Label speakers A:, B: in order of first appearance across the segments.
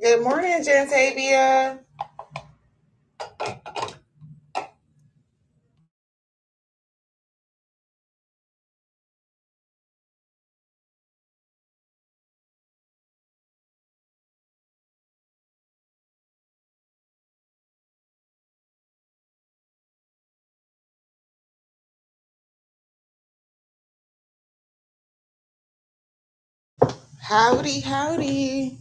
A: Good morning, Jantavia. Howdy, howdy.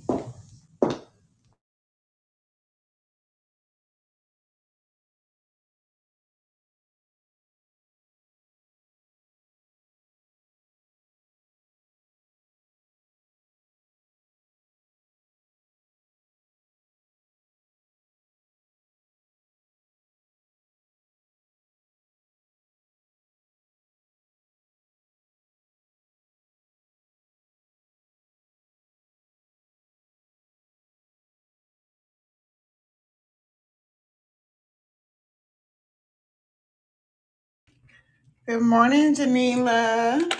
A: Good morning, Janila.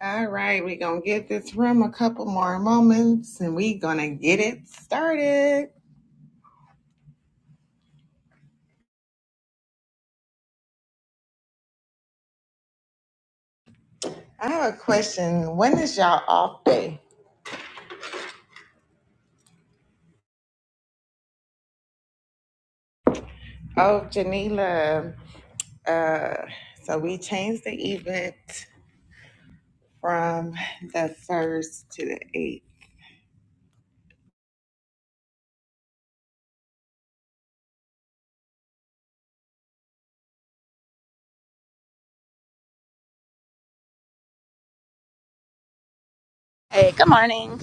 A: All right, we're going to get this room a couple more moments and we're going to get it started. I have a question. When is y'all off day? Oh, Janila. Uh, so we changed the event from the 1st to the 8th.
B: Hey, good morning.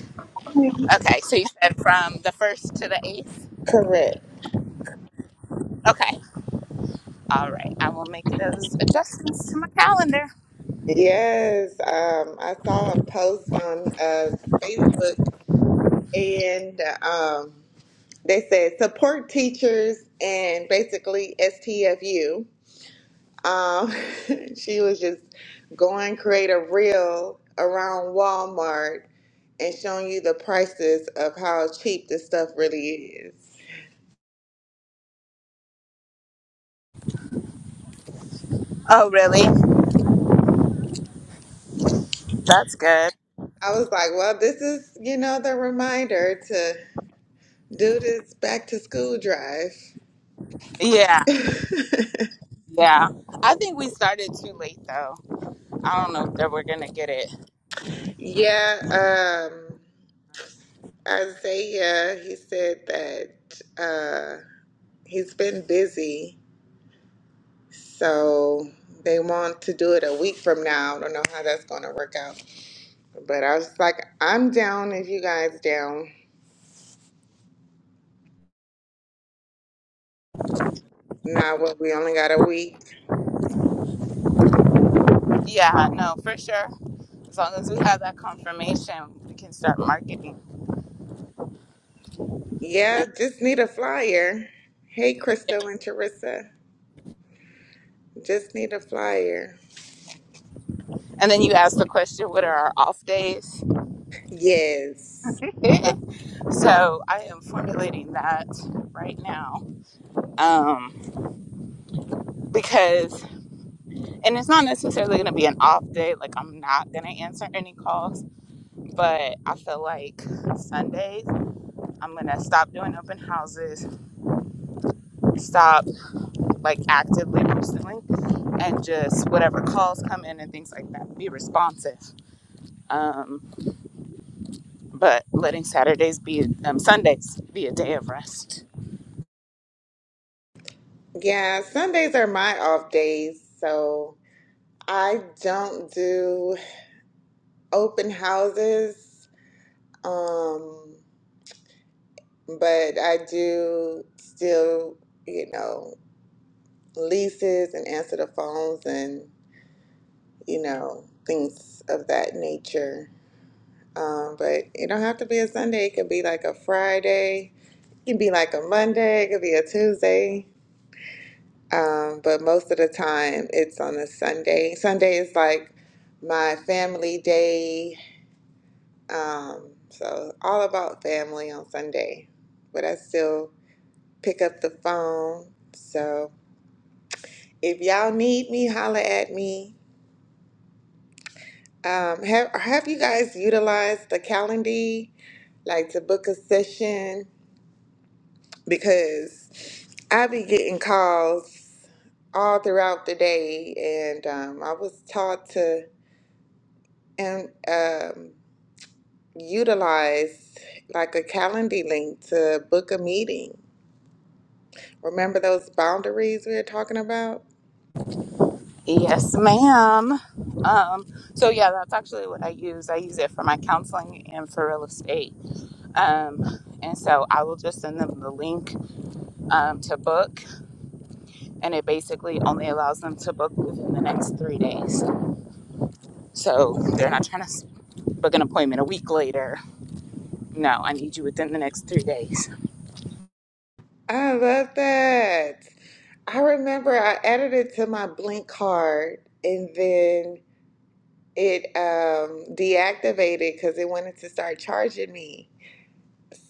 B: Okay, so you said from the 1st to the 8th?
A: Correct.
B: Okay, all right. I will make those adjustments to my calendar.
A: Yes, um, I saw a post on uh, Facebook, and um, they said support teachers and basically STFU. Um, she was just going create a reel around Walmart and showing you the prices of how cheap this stuff really is.
B: Oh, really? That's good.
A: I was like, well, this is, you know, the reminder to do this back to school drive.
B: Yeah, yeah. I think we started too late, though. I don't know that we're going to get it.
A: Yeah, um, Isaiah, he said that uh, he's been busy So they want to do it a week from now. I don't know how that's going to work out. But I was like, I'm down if you guys down. Nah, well, we only got a week.
B: Yeah, no, for sure. As long as we have that confirmation, we can start marketing.
A: Yeah, just need a flyer. Hey,
B: Yeah.
A: Crystal and Teresa. Just need a flyer.
B: And then you asked the question, what are our off days?
A: Yes.
B: so I am formulating that right now um, because and it's not necessarily going to be an off day like i'm not going to answer any calls but i feel like sundays i'm going to stop doing open houses stop like actively pursuing and just whatever calls come in and things like that be responsive um, but letting saturdays be um, sundays be a day of rest
A: Yeah, Sundays are my off days. So I don't do open houses. Um, but I do still, you know. leases and answer the phones and you know things of that nature um, but it don't have to be a sunday it could be like a friday it can be like a monday it could be a tuesday um, but most of the time it's on a sunday sunday is like my family day um, so all about family on sunday but i still pick up the phone so if y'all need me holla at me Um, have have you guys utilized the Calendly, like to book a session? Because I be getting calls all throughout the day, and um, I was taught to and um, utilize like a Calendly link to book a meeting. Remember those boundaries we were talking about?
B: yes ma'am um, so yeah that's actually what i use i use it for my counseling and for real estate um, and so i will just send them the link um, to book, and it basically only allows them to book within the next three days. So they're not trying to book an appointment a week later. No, I need you within the next three days.
A: I love that. I remember I added it to my Blink card, and then It um deactivated because it wanted to start charging me.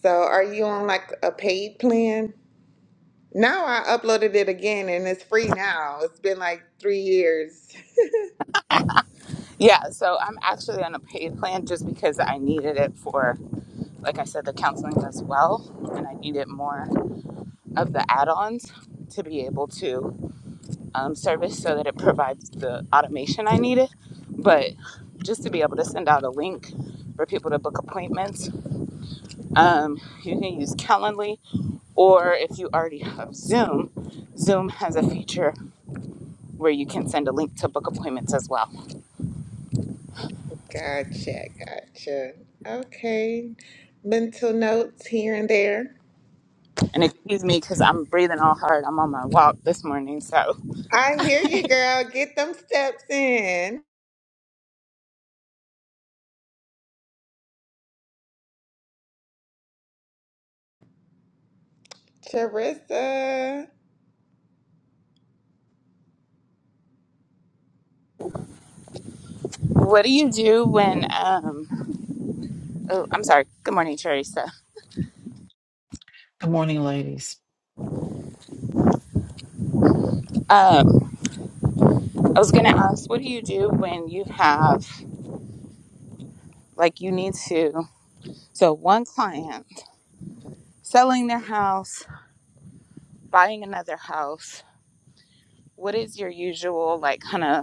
A: So are you on like a paid plan? Now I uploaded it again and it's free now. It's been like three years.
B: Yeah, so I'm actually on a paid plan just because I needed it for, like I said, the counseling as well, and I needed more of the add ons to be able to um, service so that it provides the automation I needed. But just to be able to send out a link for people to book appointments Um, you can use Calendly, or if you already have Zoom, Zoom has a feature where you can send a link to book appointments as well.
A: Gotcha, gotcha. Okay. Mental notes here and there.
B: And excuse me because I'm breathing all hard. I'm on my walk this morning. So,
A: I hear you, girl. Get them steps in. Charissa,
B: what do you do when? Um, oh, I'm sorry. Good morning, Teresa.
C: Good morning, ladies.
B: Um, I was going to ask, what do you do when you have like you need to? So, one client selling their house, buying another house. What is your usual like kind of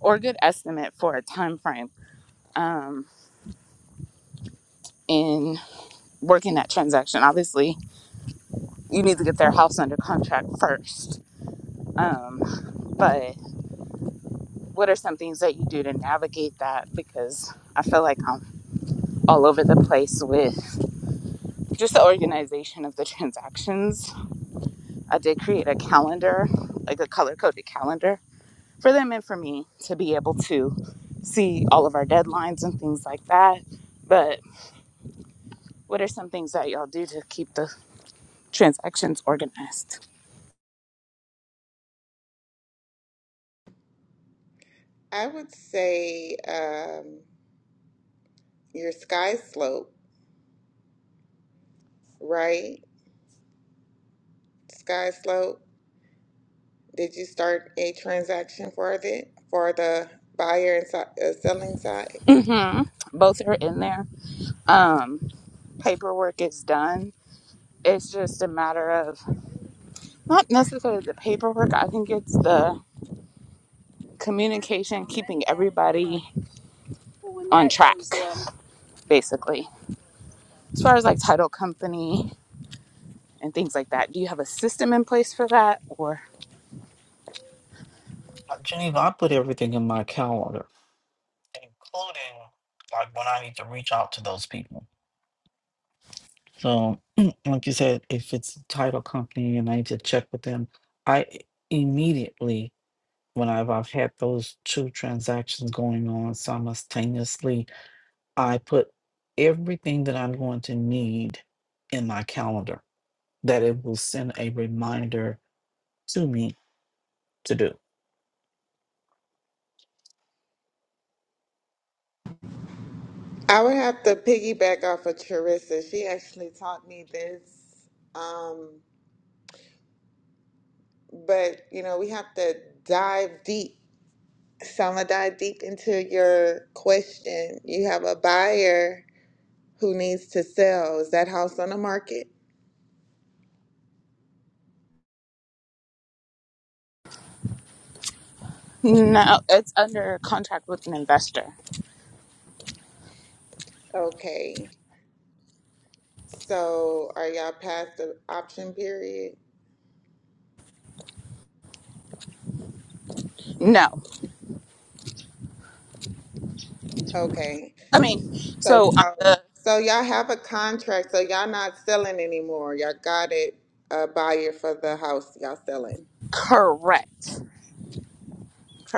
B: or a good estimate for a time frame um, in working that transaction. Obviously, you need to get their house under contract first. Um, but what are some things that you do to navigate that? Because I feel like I'm all over the place with just the organization of the transactions. I did create a calendar, like a color coded calendar for them and for me to be able to see all of our deadlines and things like that. But what are some things that y'all do to keep the transactions organized.
A: I would say um, your sky slope, right? Sky slope. Did you start a transaction for the for the buyer and si- uh, selling side?
B: hmm Both are in there. Um, paperwork is done. It's just a matter of not necessarily the paperwork. I think it's the communication, keeping everybody on track, basically. As far as like title company and things like that, do you have a system in place for that or?
C: Uh, Geneva, I put everything in my calendar, including like when I need to reach out to those people. So, like you said, if it's a title company and I need to check with them, I immediately, whenever I've had those two transactions going on simultaneously, I put everything that I'm going to need in my calendar that it will send a reminder to me to do.
A: I would have to piggyback off of Charissa. She actually taught me this. Um, but you know, we have to dive deep. Selma, dive deep into your question. You have a buyer who needs to sell. Is that house on the market?
B: No, it's under contract with an investor.
A: Okay. So, are y'all past the option period?
B: No,
A: Okay.
B: I mean,
A: So
B: so on
A: y'all,
B: the
A: so y'all have a contract. So y'all not selling anymore. Y'all got it a buyer for the house y'all selling,
B: correct,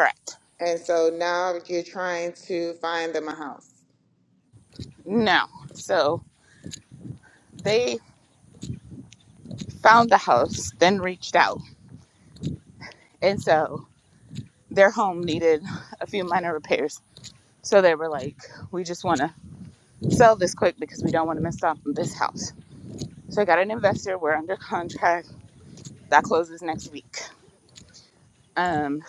B: correct.
A: and so now you're trying to find them a house.
B: No, so they found the house, then reached out. And so their home needed a few minor repairs. So they were like, we just want to sell this quick because we don't want to mess up on this house. So I got an investor. We're under contract. That closes next week. Um,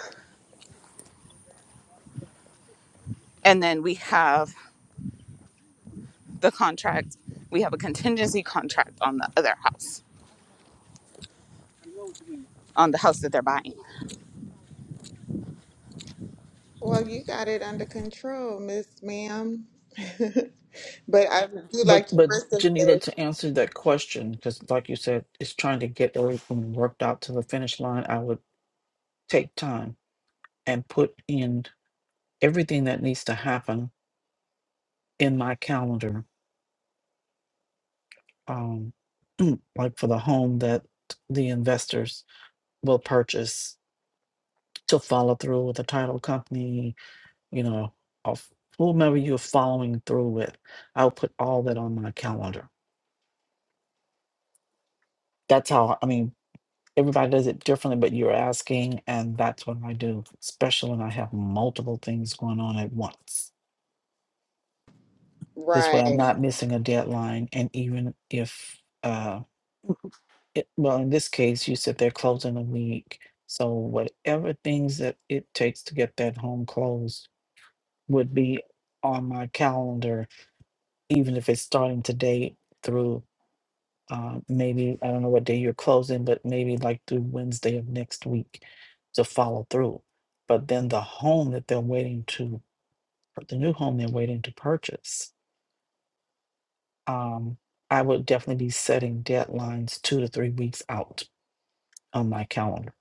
B: and then we have the contract. We have a contingency contract on the other house, on the house that they're buying.
A: Well, you got it under control, Miss Ma'am. but I do
C: But
A: like
C: but
A: Charissa says,
C: Janila, to answer that question, because like you said, it's trying to get everything worked out to the finish line. I would take time and put in everything that needs to happen in my calendar, um, like for the home that the investors will purchase to follow through with the title company, you know, of whomever you're following through with. I'll put all that on my calendar. That's how I mean everybody does it differently, but you're asking, and that's what I do, especially when I have multiple things going on at once. This way, I'm
A: right?
C: not missing a deadline. And even if, uh, it, well, in this case, you said they're closing a week. So, whatever things that it takes to get that home closed would be on my calendar, even if it's starting today through. Uh, maybe I don't know what day you're closing, but maybe like through Wednesday of next week to follow through. But then the home that they're waiting to, the new home they're waiting to purchase, um, I would definitely be setting deadlines two to three weeks out on my calendar.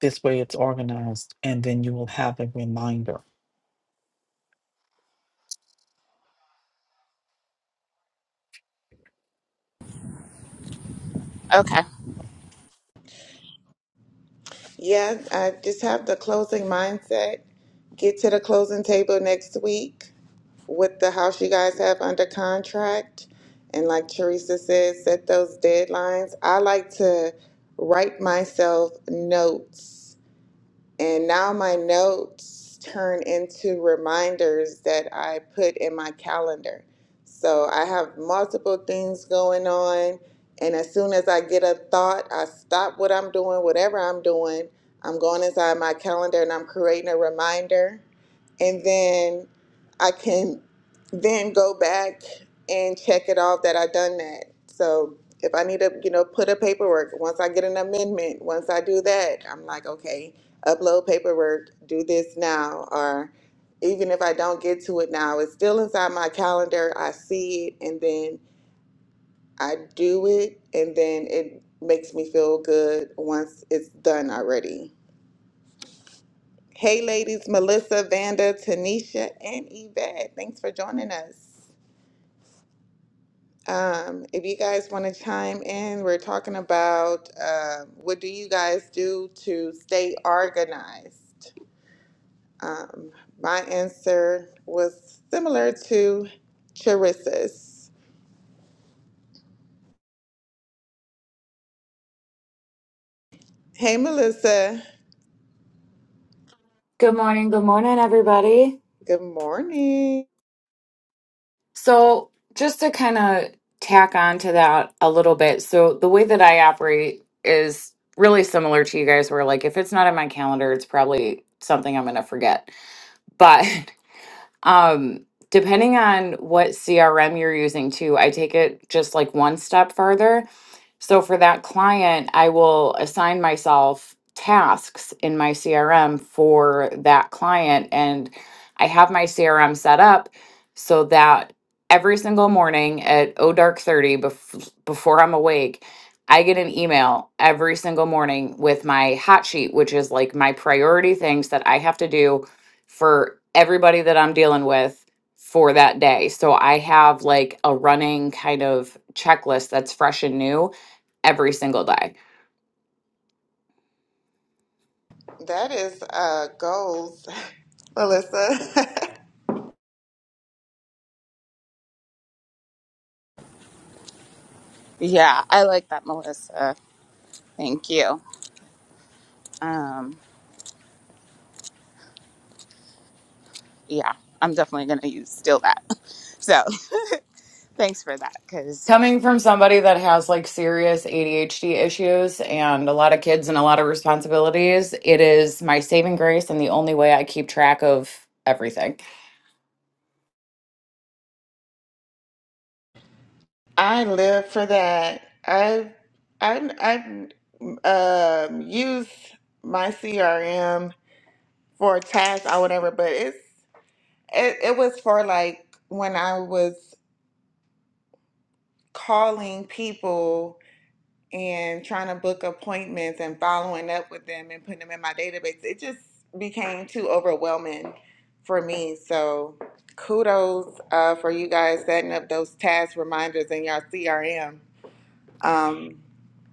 C: This way it's organized and then you will have a reminder.
B: Okay.
A: Yeah, I just have the closing mindset. Get to the closing table next week with the house you guys have under contract. And like Teresa said, set those deadlines. I like to write myself notes and now my notes turn into reminders that I put in my calendar. So I have multiple things going on. And as soon as I get a thought, I stop what I'm doing, whatever I'm doing. I'm going inside my calendar and I'm creating a reminder. And then I can then go back and check it off that I done that. So if I need to, you know, put a paperwork, once I get an amendment, once I do that, I'm like, okay, upload paperwork, do this now, or even if I don't get to it now, it's still inside my calendar. I see it and then I do it, and then it makes me feel good once it's done already. Hey, ladies, Melissa, Vanda, Tanisha, and Yvette, thanks for joining us. Um, if you guys want to chime in, we're talking about um, what do you guys do to stay organized? Um, my answer was similar to Charissa's. Hey, Melissa.
D: Good morning. Good morning, everybody.
A: Good morning.
D: So, just to kind of tack on to that a little bit. So, the way that I operate is really similar to you guys, where like if it's not in my calendar, it's probably something I'm going to forget. But, um, depending on what CRM you're using too, I take it just like one step further. So for that client, I will assign myself tasks in my CRM for that client. And I have my CRM set up so that every single morning at oh dark 30 bef- before I'm awake, I get an email every single morning with my hot sheet, which is like my priority things that I have to do for everybody that I'm dealing with for that day. So I have like a running kind of checklist that's fresh and new every single day.
A: That is uh, goals, Melissa.
B: Yeah, I like that, Melissa. Thank you. Um, yeah, I'm definitely going to use still that. So. Thanks for that, because
D: Coming from somebody that has like serious ADHD issues and a lot of kids and a lot of responsibilities, it is my saving grace and the only way I keep track of everything.
A: I live for that. I've I've, I've um, used my CRM for tasks or whatever, but it's it, it was for like when I was calling people and trying to book appointments and following up with them and putting them in my database, it just became too overwhelming for me. So, kudos uh, for you guys setting up those task reminders in your CRM. Um,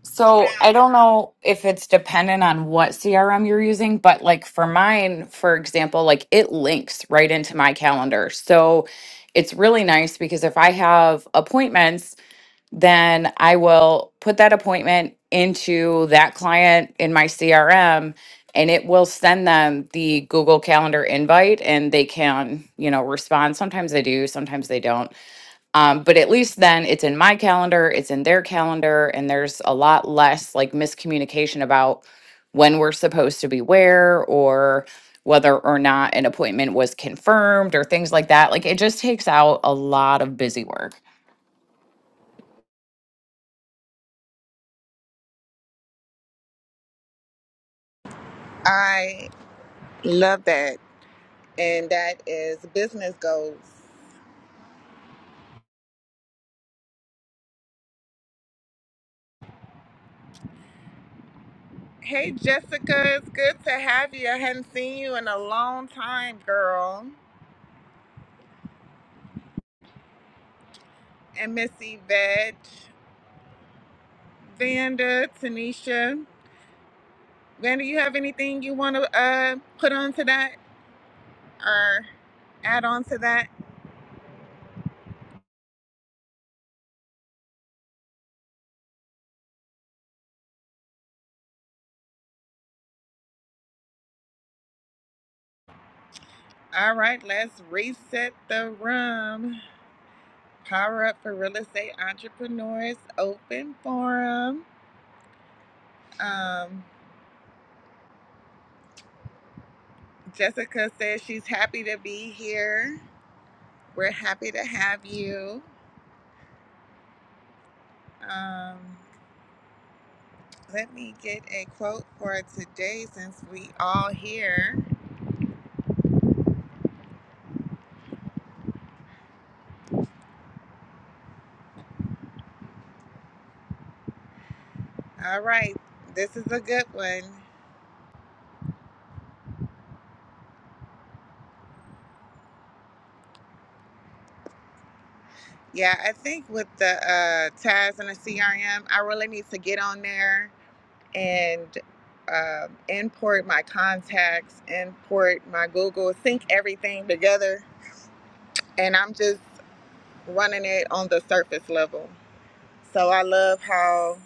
D: So I don't know if it's dependent on what CRM you're using, but like for mine, for example, like it links right into my calendar. So it's really nice because if I have appointments, then I will put that appointment into that client in my CRM and it will send them the Google Calendar invite and they can, you know, respond. Sometimes they do, sometimes they don't. Um, but at least then it's in my calendar, it's in their calendar, and there's a lot less like miscommunication about when we're supposed to be where or whether or not an appointment was confirmed or things like that. Like it just takes out a lot of busy work.
A: I love that. And that is business goals. Hey, Jessica, it's good to have you. I hadn't seen you in a long time, girl. And Miss Yvette, Vanda, Tanisha. Vanda, you have anything you want to uh, put on to that or add on to that? All right, let's reset the room. Power up for real estate entrepreneurs open forum. Um, Jessica says she's happy to be here. We're happy to have you. Um, let me get a quote for today since we all here. All right, this is a good one. Yeah, I think with the uh, TAS and the CRM, I really need to get on there and um import my contacts, import my Google, sync everything together. And I'm just running it on the surface level. So I love how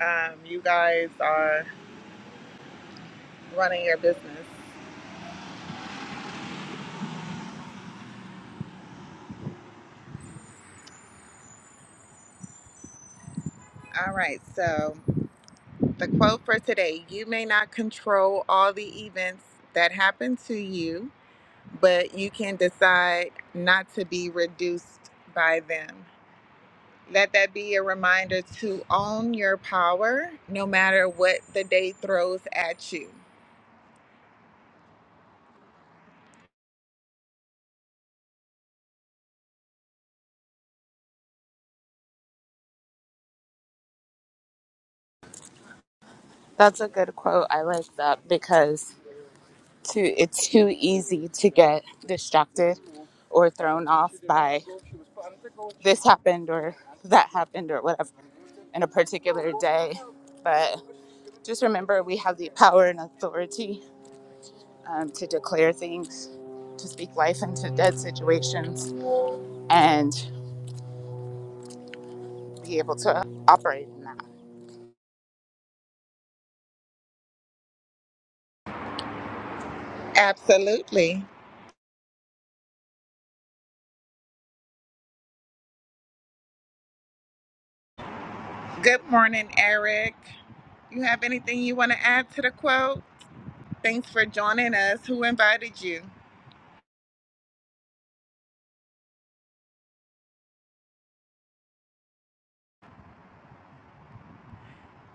A: um, you guys are running your business. All right, so the quote for today you may not control all the events that happen to you but you can decide not to be reduced by them. Let that be a reminder to own your power no matter what the day throws at you.
B: that's a good quote. I like that because too, it's too easy to get distracted or thrown off by this happened or that happened or whatever in a particular day. But just remember, we have the power and authority um, to declare things, to speak life into dead situations, and be able to operate in that.
A: Absolutely. Good morning, Eric. You have anything you want to add to the quote? Thanks for joining us. Who invited you?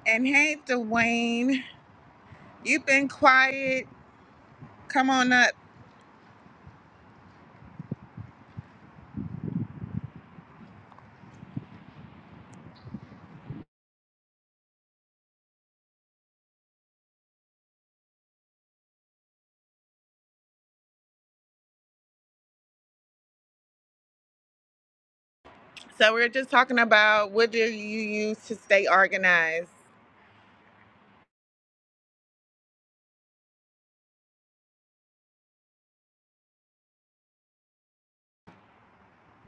A: And hey, Dwayne, you've been quiet. Come on up. So, we are just talking about what do you use to stay organized?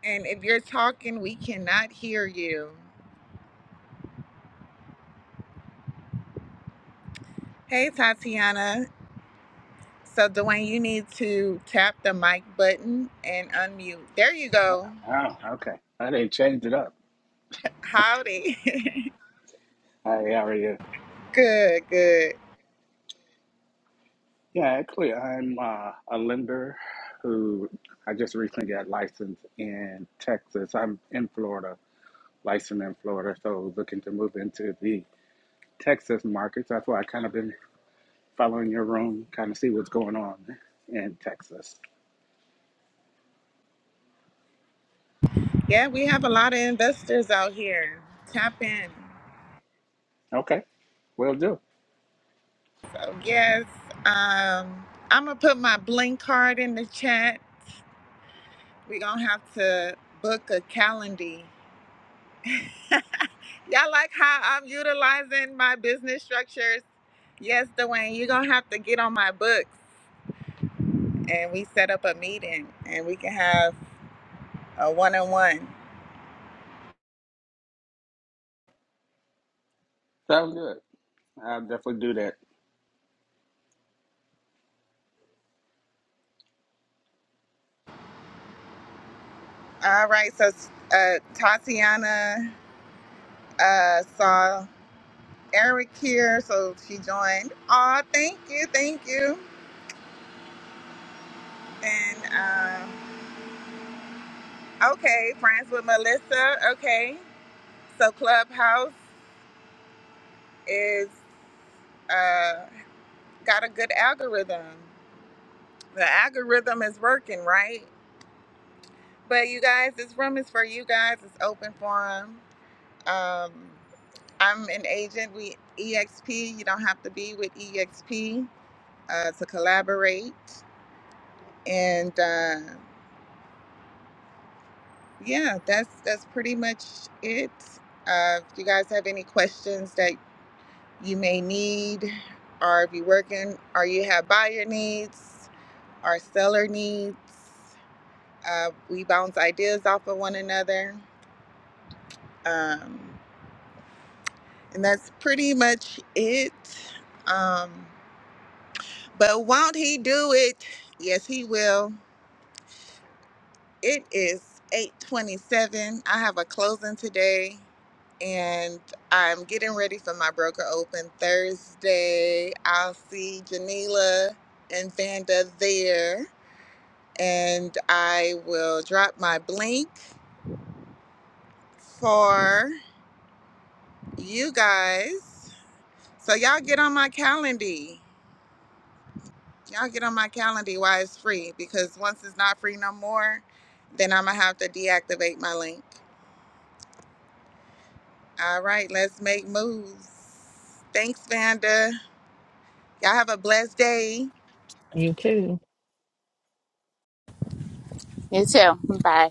A: And if you're talking, we cannot hear you. Hey, Tatiana. So, Dwayne, you need to tap the mic button and unmute. There you go.
E: Oh, okay. I didn't change it up.
A: Howdy.
E: Hey, how are you?
A: good, good.
E: Yeah, actually, I'm uh, a lender who I just recently got licensed in Texas. I'm in Florida, licensed in Florida, so looking to move into the Texas markets. That's why I kind of been following your room, kind of see what's going on in Texas.
A: Yeah, we have a lot of investors out here. Tap in.
E: Okay, will do.
A: So, yes, um, I'm going to put my blink card in the chat. We're going to have to book a calendar. Y'all like how I'm utilizing my business structures? Yes, Dwayne, you're going to have to get on my books and we set up a meeting and we can have a one on one.
E: Sounds good. I'll definitely do that.
A: All right, so uh, Tatiana uh, saw Eric here, so she joined. Aw, thank you, thank you. And um, Okay, friends with Melissa. Okay, so Clubhouse is uh, got a good algorithm. The algorithm is working, right? But you guys, this room is for you guys. It's open forum. Um, I'm an agent with EXP. You don't have to be with EXP uh, to collaborate. And uh, yeah, that's that's pretty much it. Uh, if you guys have any questions that you may need, or if you're working, or you have buyer needs or seller needs. Uh, we bounce ideas off of one another. Um, and that's pretty much it. Um, but won't he do it? Yes, he will. It is 827. I have a closing today and I'm getting ready for my broker open Thursday. I'll see Janila and Vanda there. and I will drop my link for you guys. So y'all get on my calendar. Y'all get on my calendar while it's free because once it's not free no more, then I'm gonna have to deactivate my link. All right, let's make moves. Thanks, Vanda. Y'all have a blessed day.
C: You too.
B: You too. Bye.